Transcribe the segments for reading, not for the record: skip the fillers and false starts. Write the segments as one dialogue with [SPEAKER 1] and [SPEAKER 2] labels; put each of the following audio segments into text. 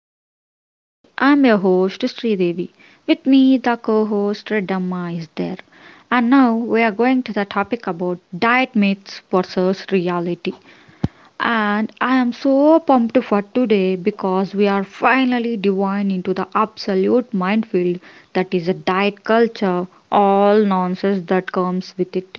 [SPEAKER 1] to the podcast. I'm your host Sri Devi. With me, the co-host Damma is there. And now we are going to the topic about diet myths versus reality. And I am so pumped for today because we are finally diving into the absolute minefield that is a diet culture, all nonsense that comes with it.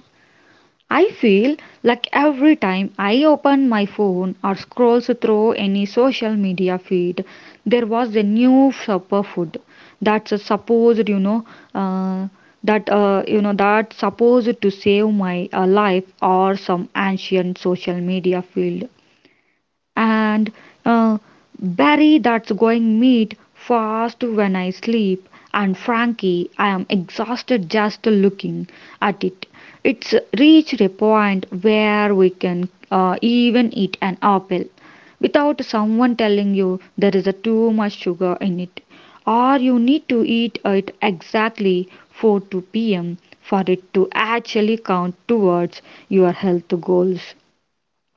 [SPEAKER 1] I feel like every time I open my phone or scrolls through any social media feed, there was a new superfood that's supposed, you know, uh, that you know that supposed to save my life or some ancient social media field and uh, Barry that's going meat fast when I sleep and Frankie I am exhausted just looking at it. It's reached a point where we can even eat an apple without someone telling you there is a too much sugar in it, or you need to eat it exactly 4 to pm for it to actually count towards your health goals.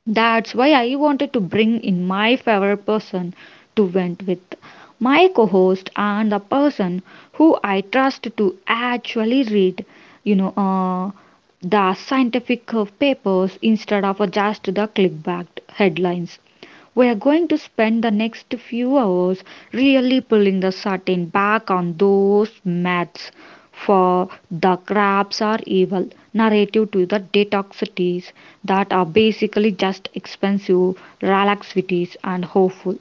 [SPEAKER 1] That's why I wanted to bring in my favorite person to vent with, my co host and the person who I trust to actually read, you know, uh, the scientific papers instead of just the clickbait headlines. We are going to spend the next few hours really pulling the curtain back on those maths, for the crabs are evil narrative to the detoxities that are basically just expensive relaxivities and hopeful.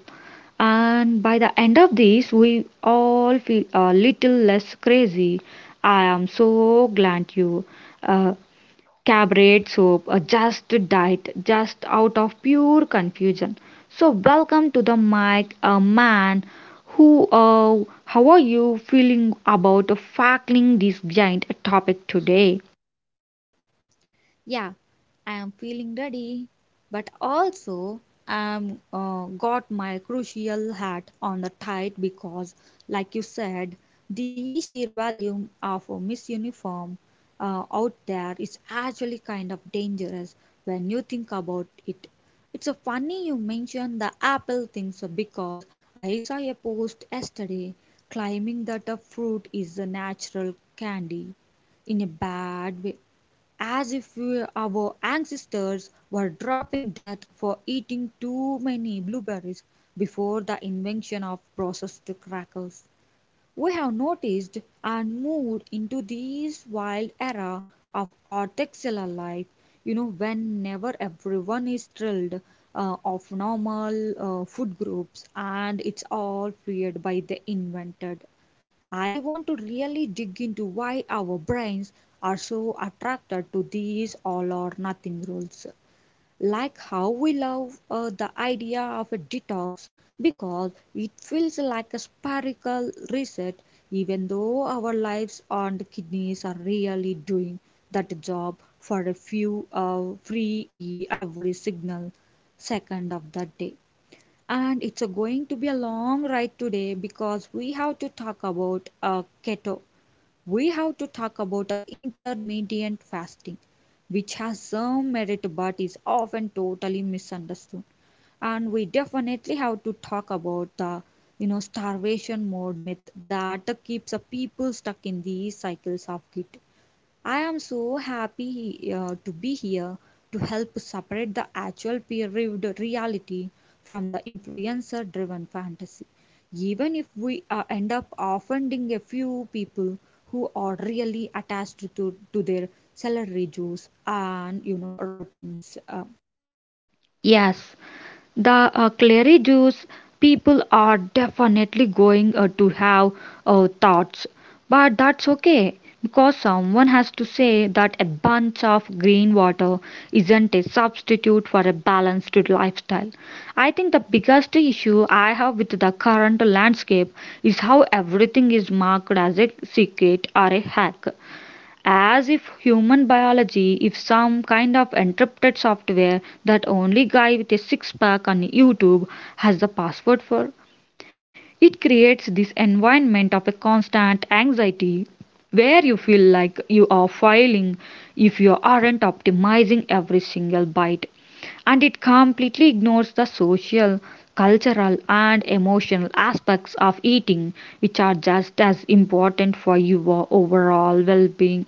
[SPEAKER 1] And by the end of this we all feel a little less crazy. I am so glad you uh, cabaret soap, a just died, just out of pure confusion. So, welcome to the mic, a man who, how are you feeling about tackling this giant topic today?
[SPEAKER 2] Yeah, I am feeling ready, but also I'm got my crucial hat on the tight because, like you said, the sheer volume of a Miss Uniform out there is actually kind of dangerous when you think about it. It's a funny you mention the apple things because I saw a post yesterday claiming that a fruit is a natural candy in a bad way as if our ancestors were dropping dead for eating too many blueberries before the invention of processed crackers. We have noticed and moved into this wild era of orthoxylal life, you know, when never everyone is thrilled of normal food groups and it's all fueled by the invented. I want to really dig into why our brains are so attracted to these all or nothing rules. Like how we love the idea of a detox because it feels like a spherical reset, even though our lives and kidneys are really doing that job for a few every signal second of the day. And it's a going to be a long ride today because we have to talk about keto. We have to talk about intermittent fasting, which has some merit but is often totally misunderstood. And we definitely have to talk about the you know starvation mode myth that keeps people stuck in these cycles of guilt. I am so happy to be here to help separate the actual peer reviewed reality from the influencer driven fantasy. Even if we end up offending a few people who are really attached to their celery juice and you know routines.
[SPEAKER 1] Yes, the Clary Jews people are definitely going to have thoughts, but that's okay because someone has to say that a bunch of green water isn't a substitute for a balanced lifestyle. I think the biggest issue I have with the current landscape is how everything is marked as a secret or a hack. As if human biology is some kind of encrypted software that only guy with a six pack on YouTube has the password for. It creates this environment of a constant anxiety where you feel like you are failing if you aren't optimizing every single byte, and it completely ignores the social, cultural, and emotional aspects of eating, which are just as important for your overall well being.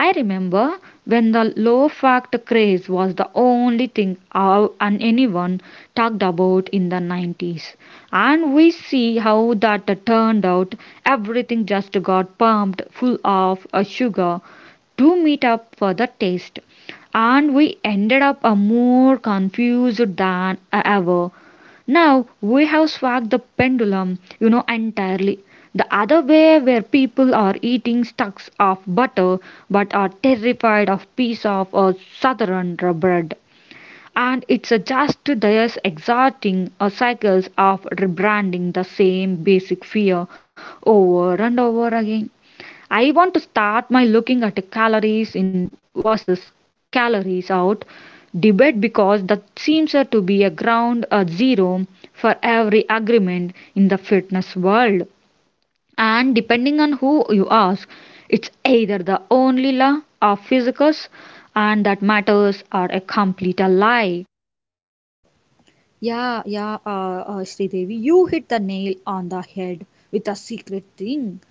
[SPEAKER 1] I remember when the low fact craze was the only thing our, and anyone talked about in the 90s. And we see how that turned out. Everything just got pumped full of sugar to meet up for the taste. And we ended up more confused than ever. Now we have swung the pendulum, you know, entirely the other way where people are eating stacks of butter but are terrified of piece of southern bread. And it's just this exhausting cycles of rebranding the same basic fear over and over again. I want to start my looking at calories in versus calories out debate because that seems to be a ground zero for every agreement in the fitness world. And depending on who you ask, it's either the only law of physics and that matters or a complete lie.
[SPEAKER 2] Yeah, yeah, Sridevi, you hit the nail on the head with the secret thing.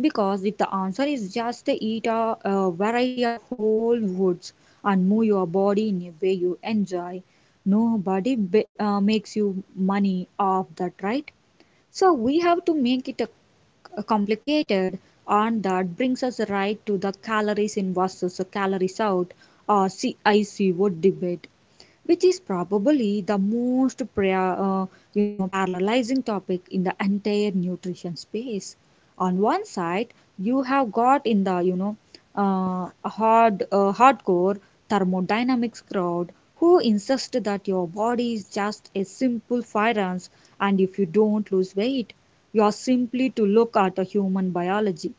[SPEAKER 2] Because if the answer is just eat a variety of whole foods and move your body in a way you enjoy, nobody b makes you money off that, right? So we have to make it a complicated, and that brings us right to the calories in versus calories out or CICO debate, which is probably the most you know paralyzing topic in the entire nutrition space. On one side you have got in the you know hardcore thermodynamics crowd who insist that your body is just a simple firearms and if you don't lose weight you are simply to look at a human biology.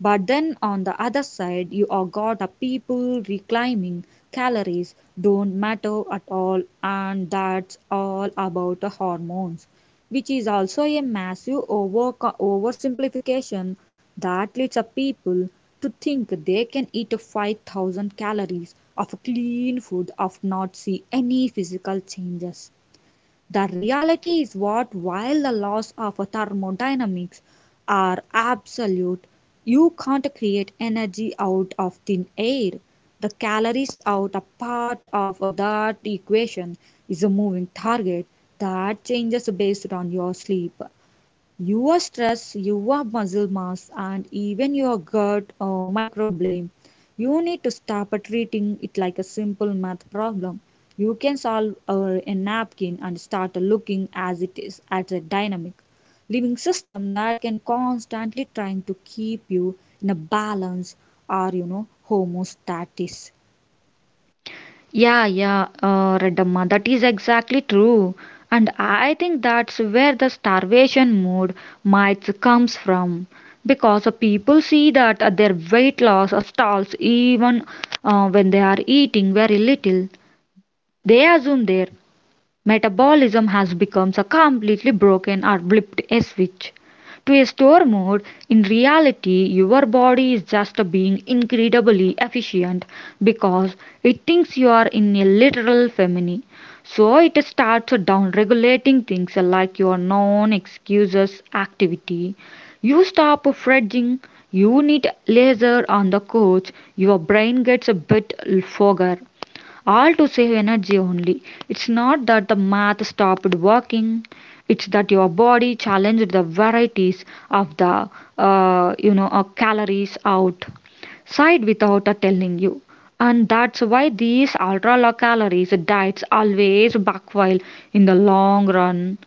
[SPEAKER 2] But then on the other side you are got a people reclaiming calories don't matter at all and that's all about the hormones, which is also a massive oversimplification that leads a people to think they can eat 5,000 calories of clean food of not see any physical changes. The reality is what, while the laws of thermodynamics are absolute, you can't create energy out of thin air. The calories out a part of that equation is a moving target that changes based on your sleep, your stress, your muscle mass, and even your gut microbiome. You need to stop treating it like a simple math problem. You can solve a napkin and start looking as it is at a dynamic living system that can constantly trying to keep you in a balance or you know homostasis.
[SPEAKER 1] Yeah, yeah, Redamma, that is exactly true. And I think that's where the starvation mode might comes from. Because people see that their weight loss stalls even when they are eating very little. They assume their metabolism has become a completely broken or blipped a switch to a store mode. In reality, your body is just being incredibly efficient because it thinks you are in a literal famine. So it starts down regulating things like your non excuses activity. You stop fretting, you need laser on the couch, your brain gets a bit fogger, all to save energy only. It's not that the math stopped working, it's that your body challenged the varieties of the calories out side without telling you. And that's why these ultra low calories diets always backfire in the long run.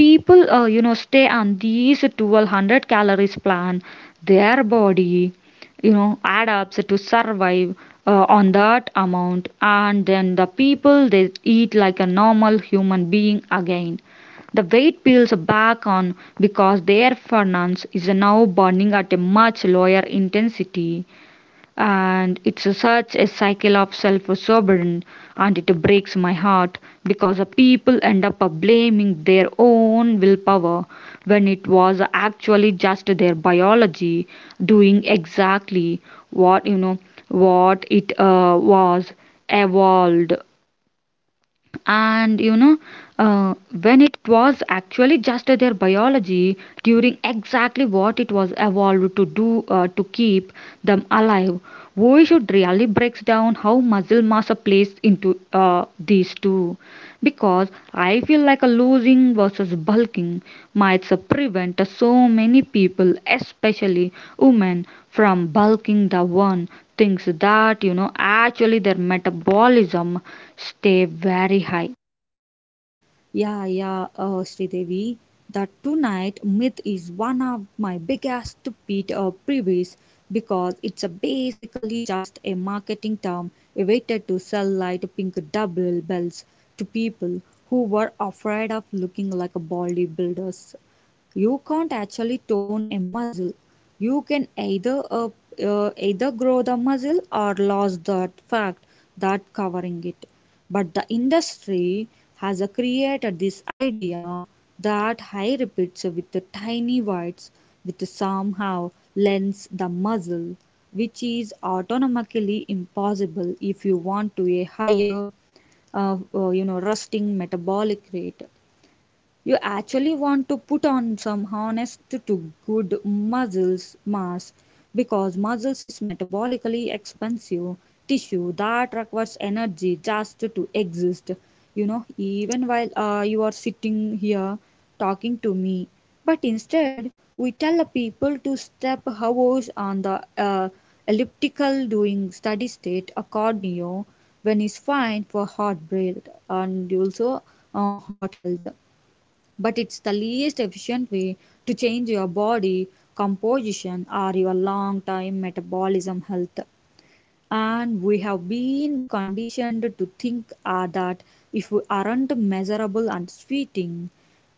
[SPEAKER 1] People stay on these 1,200 calories plan, their body, you know, add up so to survive on that amount, and then the people they eat like a normal human being again, the weight peels back on because their furnace is now burning at a much lower intensity. And it's a such a cycle of self-absorption, and it breaks my heart because the people end up blaming their own willpower when it was actually just their biology doing exactly what you know what it was evolved and you know uh, when it was actually just their biology during exactly what it was evolved to do to keep them alive. We should really breaks down how muscle mass plays into these two because I feel like a losing versus bulking might prevent so many people, especially women, from bulking the one things that you know actually their metabolism stay very high.
[SPEAKER 2] Yeah, yeah, Sridevi. The Tonight myth is one of my biggest pet peeves because it's a basically just a marketing term invented to sell light pink double bells to people who were afraid of looking like bodybuilders. You can't actually tone a muscle. You can either grow the muscle or lose that fact that covering it. But the industry has created this idea that high repeats with the tiny whites which somehow lends the muscle, which is autonomically impossible. If you want to a higher, you know, resting metabolic rate, you actually want to put on some honest to good muscles mass because muscles is metabolically expensive tissue that requires energy just to exist, you know, even while you are sitting here talking to me. But instead we tell the people to step hours on the elliptical doing steady state a cardio when is fine for heart rate and also heart health, but it's the least efficient way to change your body composition or your long term metabolism health. And we have been conditioned to think that if we aren't measurable and sweating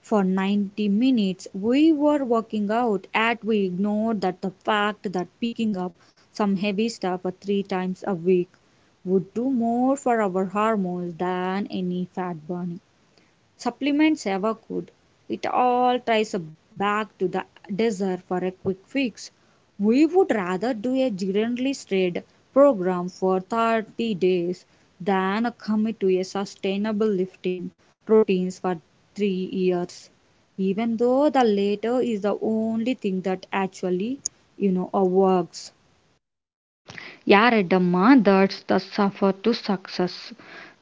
[SPEAKER 2] for 90 minutes, we were working out, at we ignore that the fact that picking up some heavy stuff three times a week would do more for our hormones than any fat burning. Supplements ever could. It all ties back to the desire for a quick fix. We would rather do a generalist trade program for 30 days than commit to a sustainable lifting routines for 3 years. Even though the latter is the only thing that actually, you know, works.
[SPEAKER 1] Yaradamma, that's the suffer to success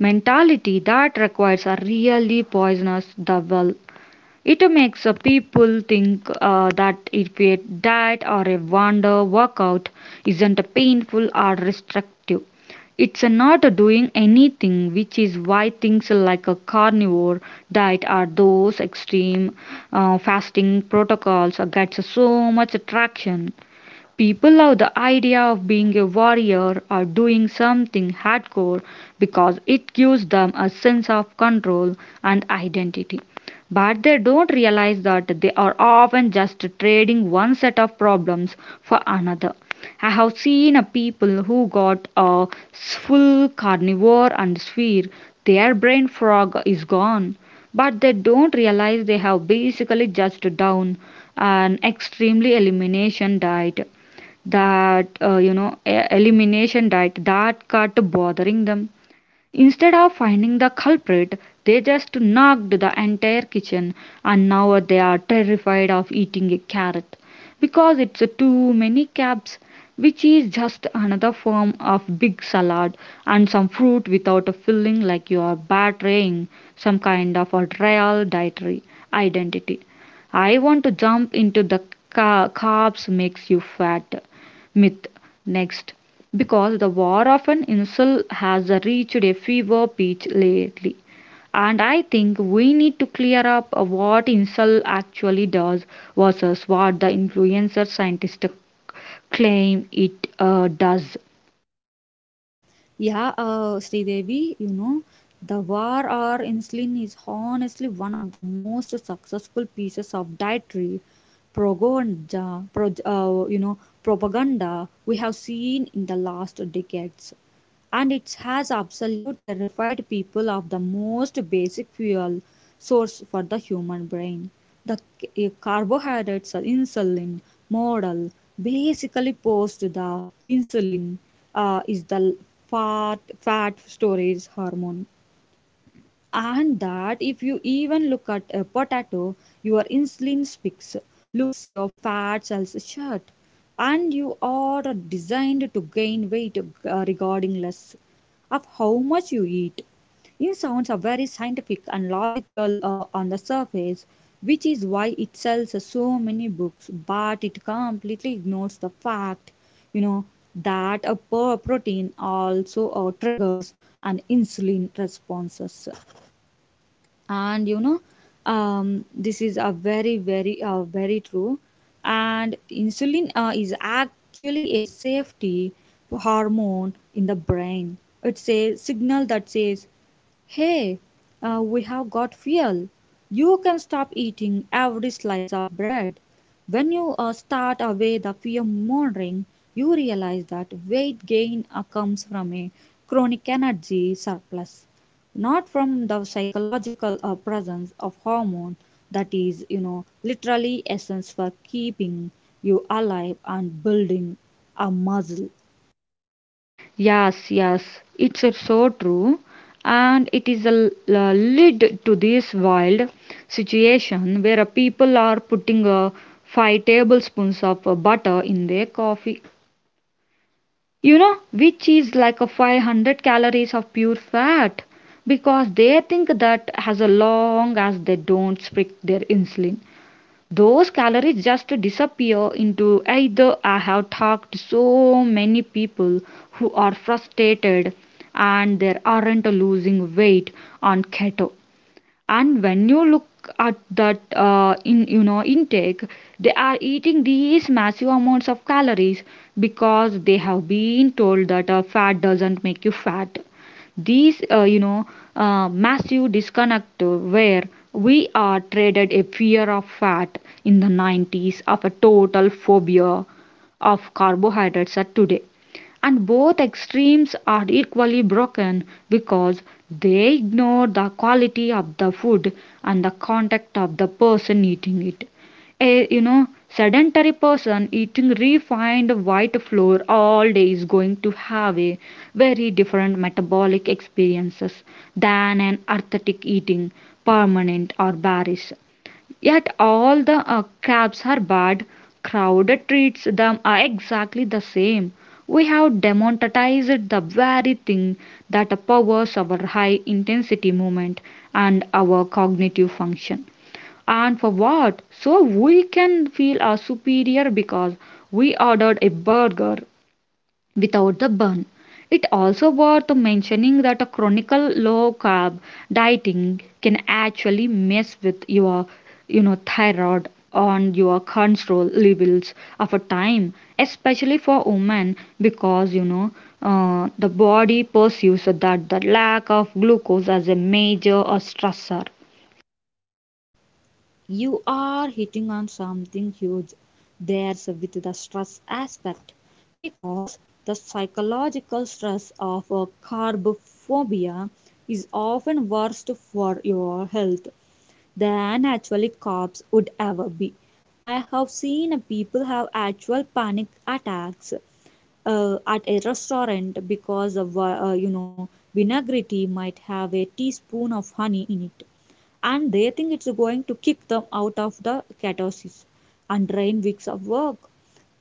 [SPEAKER 1] mentality that requires a really poisonous double. It makes people think that if a diet or a wonder workout isn't painful or restrictive, it's not doing anything, which is why things like a carnivore diet or those extreme fasting protocols gets so much traction. People love the idea of being a warrior or doing something hardcore because it gives them a sense of control and identity. But they don't realize that they are often just trading one set of problems for another. I have seen a people who got a full carnivore and sphere. Their brain fog is gone, but they don't realize they have basically just down an extremely elimination diet that elimination diet that cut bothering them instead of finding the culprit. They just knocked the entire kitchen and now they are terrified of eating a carrot because it's too many carbs, which is just another form of big salad and some fruit without a filling, like you are betraying some kind of a real dietary identity. I want to jump into the carbs makes you fat myth next because the war of an insult has reached a fever pitch lately, and I think we need to clear up what insult actually does versus what the influencer scientists claim it does.
[SPEAKER 2] Yeah, Sridevi, you know, the War or Insulin is honestly one of the most successful pieces of dietary propaganda, pro, you know, propaganda we have seen in the last decades and it has absolutely terrified people of the most basic fuel source for the human brain. The carbohydrates are insulin model basically post the insulin is the fat fat storage hormone and that if you even look at a potato your insulin speaks looks your fat cells shut and you are designed to gain weight regarding less of how much you eat. It sounds are very scientific and logical on the surface, which is why it sells so many books, but it completely ignores the fact, you know, that a protein also triggers an insulin responses, and you know, this is a very very true. And insulin is actually a safety hormone in the brain. It's a signal that says, hey, we have got fuel. You can stop eating every slice of bread. When you start away the fear morning, you realize that weight gain comes from a chronic energy surplus, not from the psychological presence of hormone that is, you know, literally essence for keeping you alive and building a muscle.
[SPEAKER 1] Yes, yes, it's so true, and it is a lead to this wild situation where people are putting five tablespoons of butter in their coffee. You know, which is like a 500 calories of pure fat because they think that as long as they don't spike their insulin, those calories just disappear into either. I have talked to so many people who are frustrated and they aren't losing weight on keto, and when you look at that in intake, they are eating these massive amounts of calories because they have been told that fat doesn't make you fat. These massive disconnect where we are traded a fear of fat in the 90s of a total phobia of carbohydrates are today, and both extremes are equally broken because they ignore the quality of the food and the contact of the person eating it. A, you know, sedentary person eating refined white flour all day is going to have a very different metabolic experiences than an athletic eating permanent or barish. Yet all the crabs are bad. Crowd treats them are exactly the same. We have democratized the very thing that powers our high intensity movement and our cognitive function. And for what? So we can feel superior because we ordered a burger without the burn. It also worth mentioning that a chronic low carb dieting can actually mess with your you know thyroid on your control levels of a time, especially for women, because you know the body perceives that the lack of glucose as a major stressor.
[SPEAKER 2] You are hitting on something huge there's with the stress aspect because the psychological stress of a carb phobia is often worse for your health than actually cops would ever be. I have seen people have actual panic attacks at a restaurant because of you know vinaigrette might have a teaspoon of honey in it and they think it's going to kick them out of the ketosis and drain weeks of work.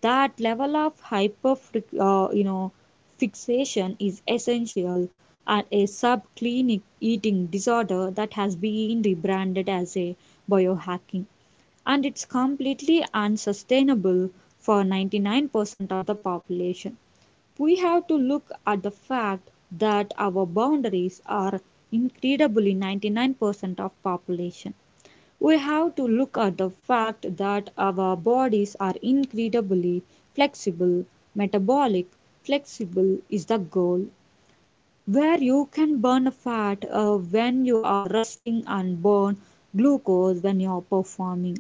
[SPEAKER 2] That level of hyper, you know, fixation is essential, and a subclinic eating disorder that has been rebranded as a biohacking, and it's completely unsustainable for 99% of the population. We have to look at the fact that our boundaries are incredibly 99% of population. We have to look at the fact that our bodies are incredibly flexible. Metabolic flexible is the goal where you can burn fat when you are resting and burn glucose when you are performing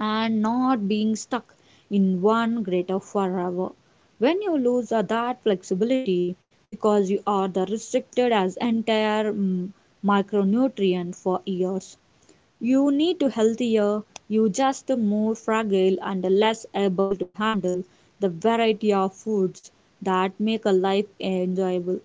[SPEAKER 2] and not being stuck in one greater forever. When you lose that flexibility because you are the restricted as entire micronutrient for years, you need to healthier, you just more fragile and less able to handle the variety of foods that make a life enjoyable.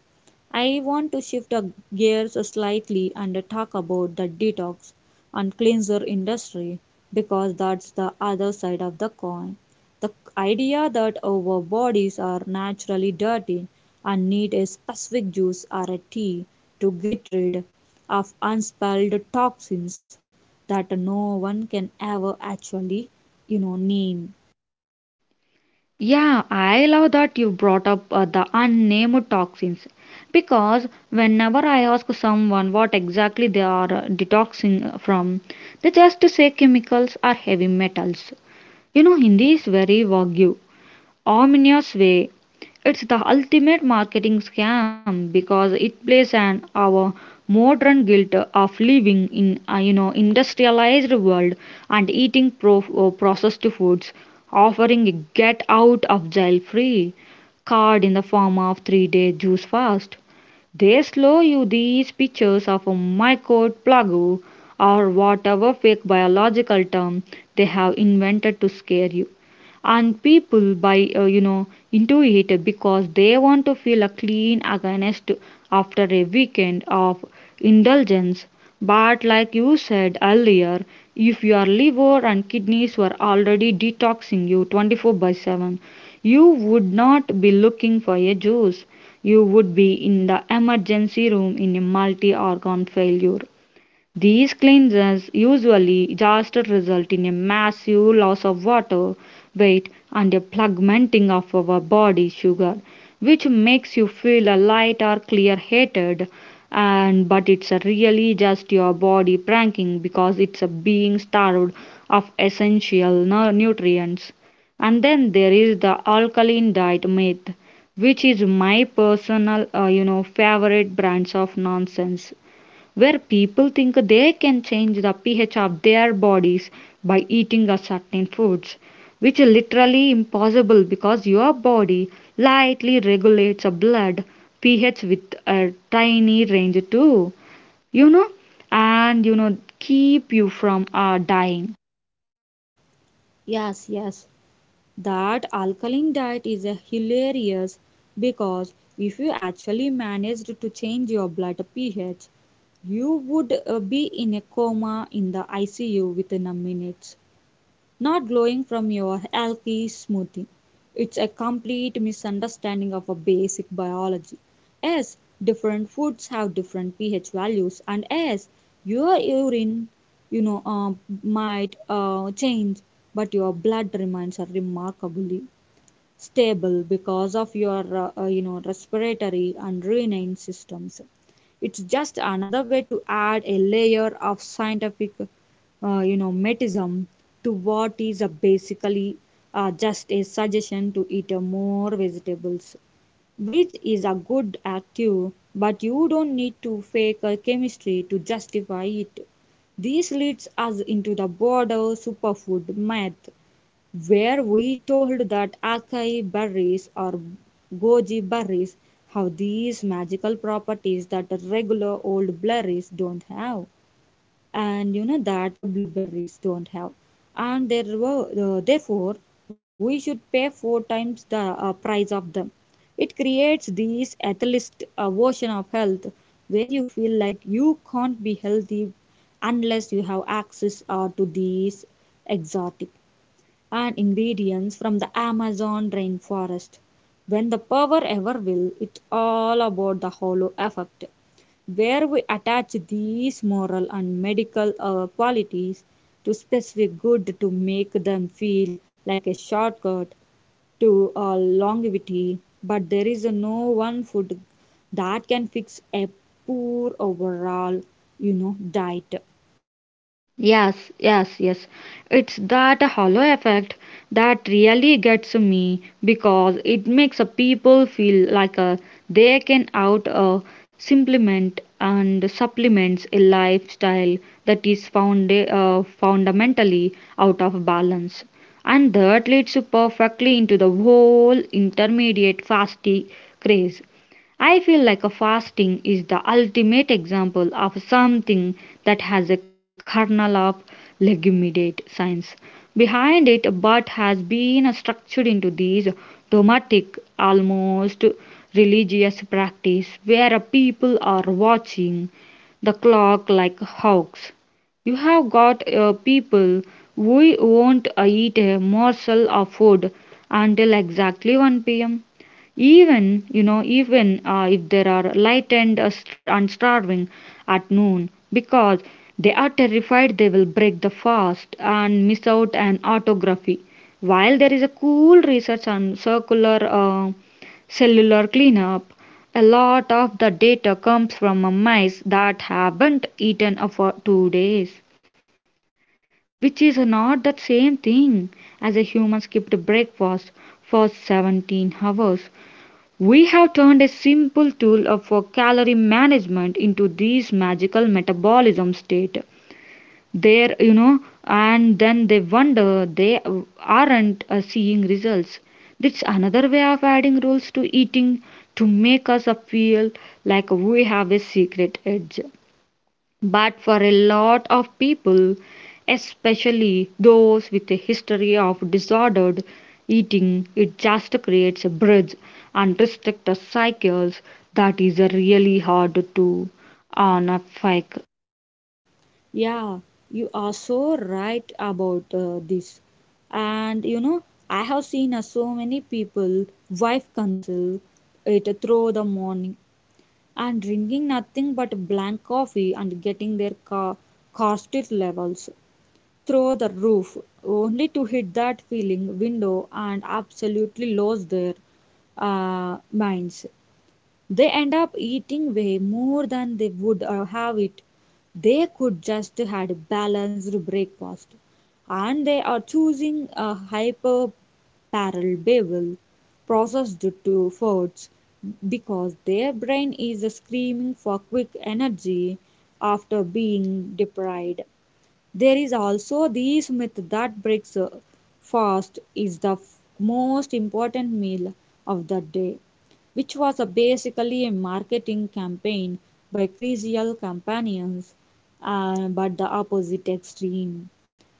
[SPEAKER 2] I want to shift our gears slightly and talk about the detox and cleanser industry because that's the other side of the coin. The idea that our bodies are naturally dirty and need a specific juice or a tea to get rid of unspelled toxins that no one can ever actually, you know, name.
[SPEAKER 1] Yeah, I love that you brought up the unnamed toxins because whenever I ask someone what exactly they are detoxing from, they just say chemicals or heavy metals. You know, Hindi is very vague, Armenia's Way. It's the ultimate marketing scam because it plays an our modern guilt of living in a you know industrialized world and eating processed foods, offering a get out of jail free card in the form of 3 day juice fast. They slow you these pictures of a mycoid plague or whatever fake biological term they have invented to scare you, and people buy into it because they want to feel a clean against after a weekend of indulgence. But like you said earlier, if your liver and kidneys were already detoxing you 24 by 7, you would not be looking for a juice. You would be in the emergency room in a multi organ failure. These cleansers usually just result in a massive loss of water, weight, and a fragmenting of our body sugar, which makes you feel a light or clear headed. And but it's a really just your body pranking because it's a being starved of essential nutrients. And then there is the alkaline diet myth, which is my personal, favorite brands of nonsense, where people think they can change the pH of their bodies by eating a certain foods, which is literally impossible because your body lightly regulates a blood pH with a tiny range too, you know, and you know keep you from dying.
[SPEAKER 2] Yes, yes, that alkaline diet is a hilarious because if you actually managed to change your blood pH, you would be in a coma in the ICU within a minute. Not glowing from your algae smoothie. It's a complete misunderstanding of a basic biology. Yes, different foods have different pH values, and yes, your urine, you know, uh, might change, but your blood remains remarkably stable because of your respiratory and urinary systems. It's just another way to add a layer of scientific metism to what is a basically just a suggestion to eat more vegetables, which is a good active, but you don't need to fake a chemistry to justify it. This leads us into the broader superfood myth, where we told that acai berries or goji berries have these magical properties that regular old berries don't have, and that blueberries don't have, and there were, therefore we should pay four times the price of them. It creates this atheist version of health where you feel like you can't be healthy unless you have access to these exotic and ingredients from the Amazon rainforest. When the power ever will, it's all about the halo effect, where we attach these moral and medical qualities to specific good to make them feel like a shortcut to longevity, but there is no one food that can fix a poor overall, diet.
[SPEAKER 1] Yes, yes, yes. It's that hollow effect that really gets me because it makes a people feel like they can out supplement and supplements a lifestyle that is found, fundamentally out of balance. And that leads perfectly into the whole intermediate fasting craze. I feel like a fasting is the ultimate example of something that has a kernel of legitimate science behind it but has been structured into these dogmatic, almost religious practice where people are watching the clock like hawks. You have got people who won't eat a morsel of food until exactly 1 p.m., even you know even if there are lightened and, and starving at noon because they are terrified they will break the fast and miss out an autography. While there is a cool research on circular cellular cleanup, a lot of the data comes from mice that haven't eaten for 2 days, which is not the same thing as a human skipped breakfast for 17 hours. We have turned a simple tool for calorie management into this magical metabolism state. There, you know, and then they wonder they aren't seeing results. That's another way of adding rules to eating to make us feel like we have a secret edge. But for a lot of people, especially those with a history of disordered eating, it just creates a bridge and restricted cycles that is really hard to unpick.
[SPEAKER 2] Yeah, you are so right about this. And you know, I have seen so many people wife counsel it through the morning, and drinking nothing but black coffee and getting their car cortisol levels through the roof, only to hit that feeling window and absolutely lose their minds. They end up eating way more than they would have it. They could just had a balanced breakfast, and they are choosing a hyper palatable processed to foods because their brain is screaming for quick energy after being deprived. There is also this myth that breaks fast is the most important meal of the day, which was a basically a marketing campaign by crucial companions, but the opposite extreme.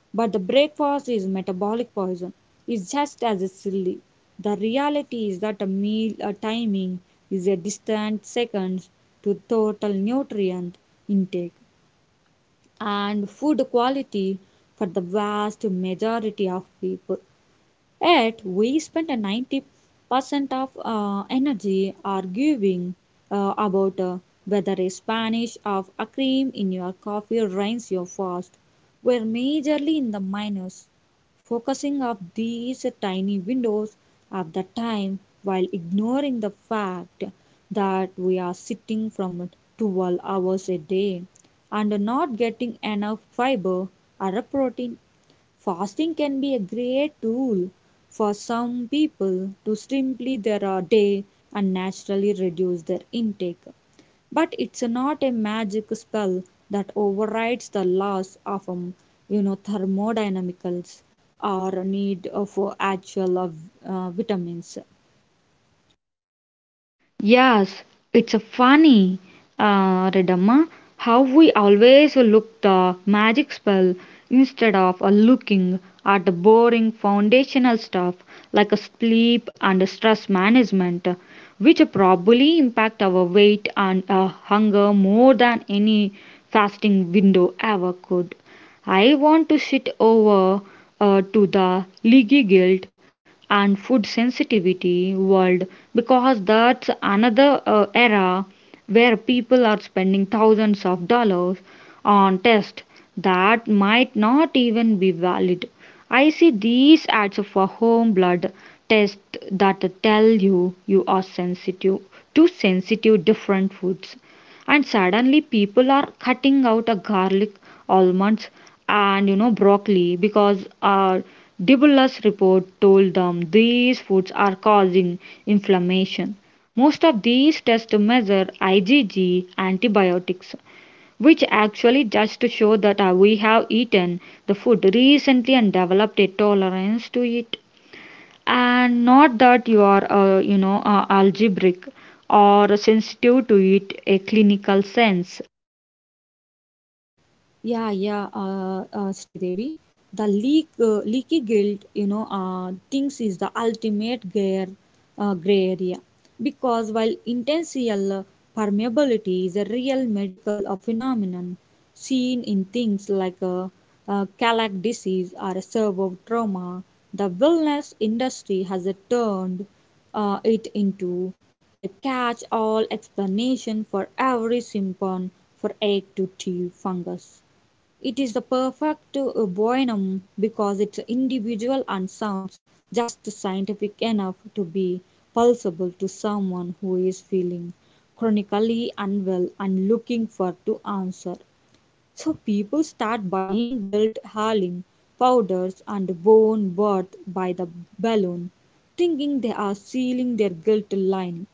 [SPEAKER 2] But the breakfast is metabolic poison is just as silly. The reality is that a meal a timing is a distant seconds to total nutrient intake and food quality for the vast majority of people. Yet we spend a 90% of energy arguing about whether a Spanish of a cream in your coffee ruins your fast. We're majorly in the minus, focusing of these tiny windows of the time, while ignoring the fact that we are sitting from 12 hours a day and not getting enough fiber or protein. Fasting can be a great tool for some people to simply their day and naturally reduce their intake. But it's not a magic spell that overrides the laws of thermodynamics or need of actual vitamins.
[SPEAKER 1] Yes, it's a funny, Redamma, how we always look the magic spell instead of looking at the boring foundational stuff like a sleep and stress management, which probably impact our weight and hunger more than any fasting window ever could. I want to sit over to the leaky guilt and food sensitivity world because that's another era where people are spending thousands of dollars on tests that might not even be valid. I see these ads for home blood tests that tell you you are sensitive to sensitive different foods, and suddenly people are cutting out a garlic, almonds, and you know broccoli because a dibulus report told them these foods are causing inflammation. Most of these tests measure igg antibiotics, which actually just to show that we have eaten the food recently and developed a tolerance to it, and not that you are algebraic or sensitive to it a clinical sense.
[SPEAKER 2] Yeah, yeah, Sridevi. The leaky guilt, you know, thinks is the ultimate gray area. Because while intentional permeability is a real medical phenomenon seen in things like celiac disease or a cerebral trauma, the wellness industry has turned it into a catch-all explanation for every symptom for egg to tube fungus. It is the perfect bonum because it's individual and sounds just scientific enough to be pulsable to someone who is feeling chronically unwell and looking for to answer. So people start buying guilt hurling powders and bone worth by the balloon, thinking they are sealing their guilt line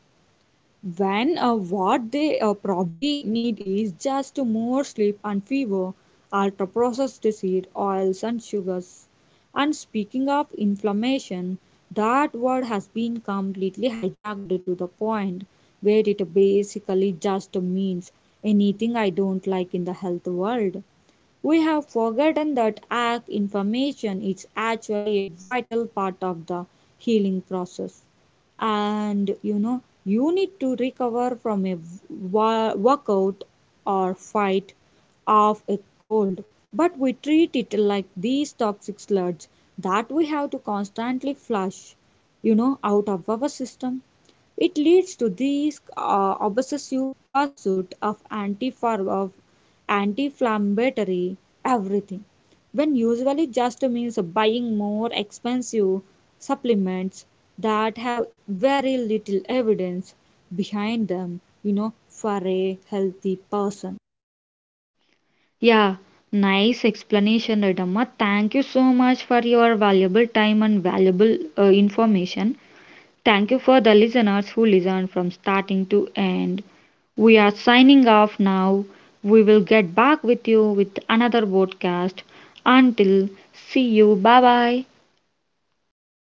[SPEAKER 2] when what they probably need is just more sleep and fever, ultra processed seed oils and sugars. And speaking of inflammation, that word has been completely hijacked to the point where it basically just means anything I don't like in the health world. We have forgotten that ACT information is actually a vital part of the healing process. And you know, you need to recover from a workout or fight off a cold, but we treat it like these toxic sludge that we have to constantly flush, out of our system. It leads to this obsessive pursuit of anti-inflammatory everything, when usually just means buying more expensive supplements that have very little evidence behind them, you know, for a healthy person.
[SPEAKER 1] Yeah, nice explanation, Redamma. Thank you so much for your valuable time and valuable information. Thank you for the listeners who listened from starting to end. We are signing off now. We will get back with you with another podcast. Until, see you. Bye bye.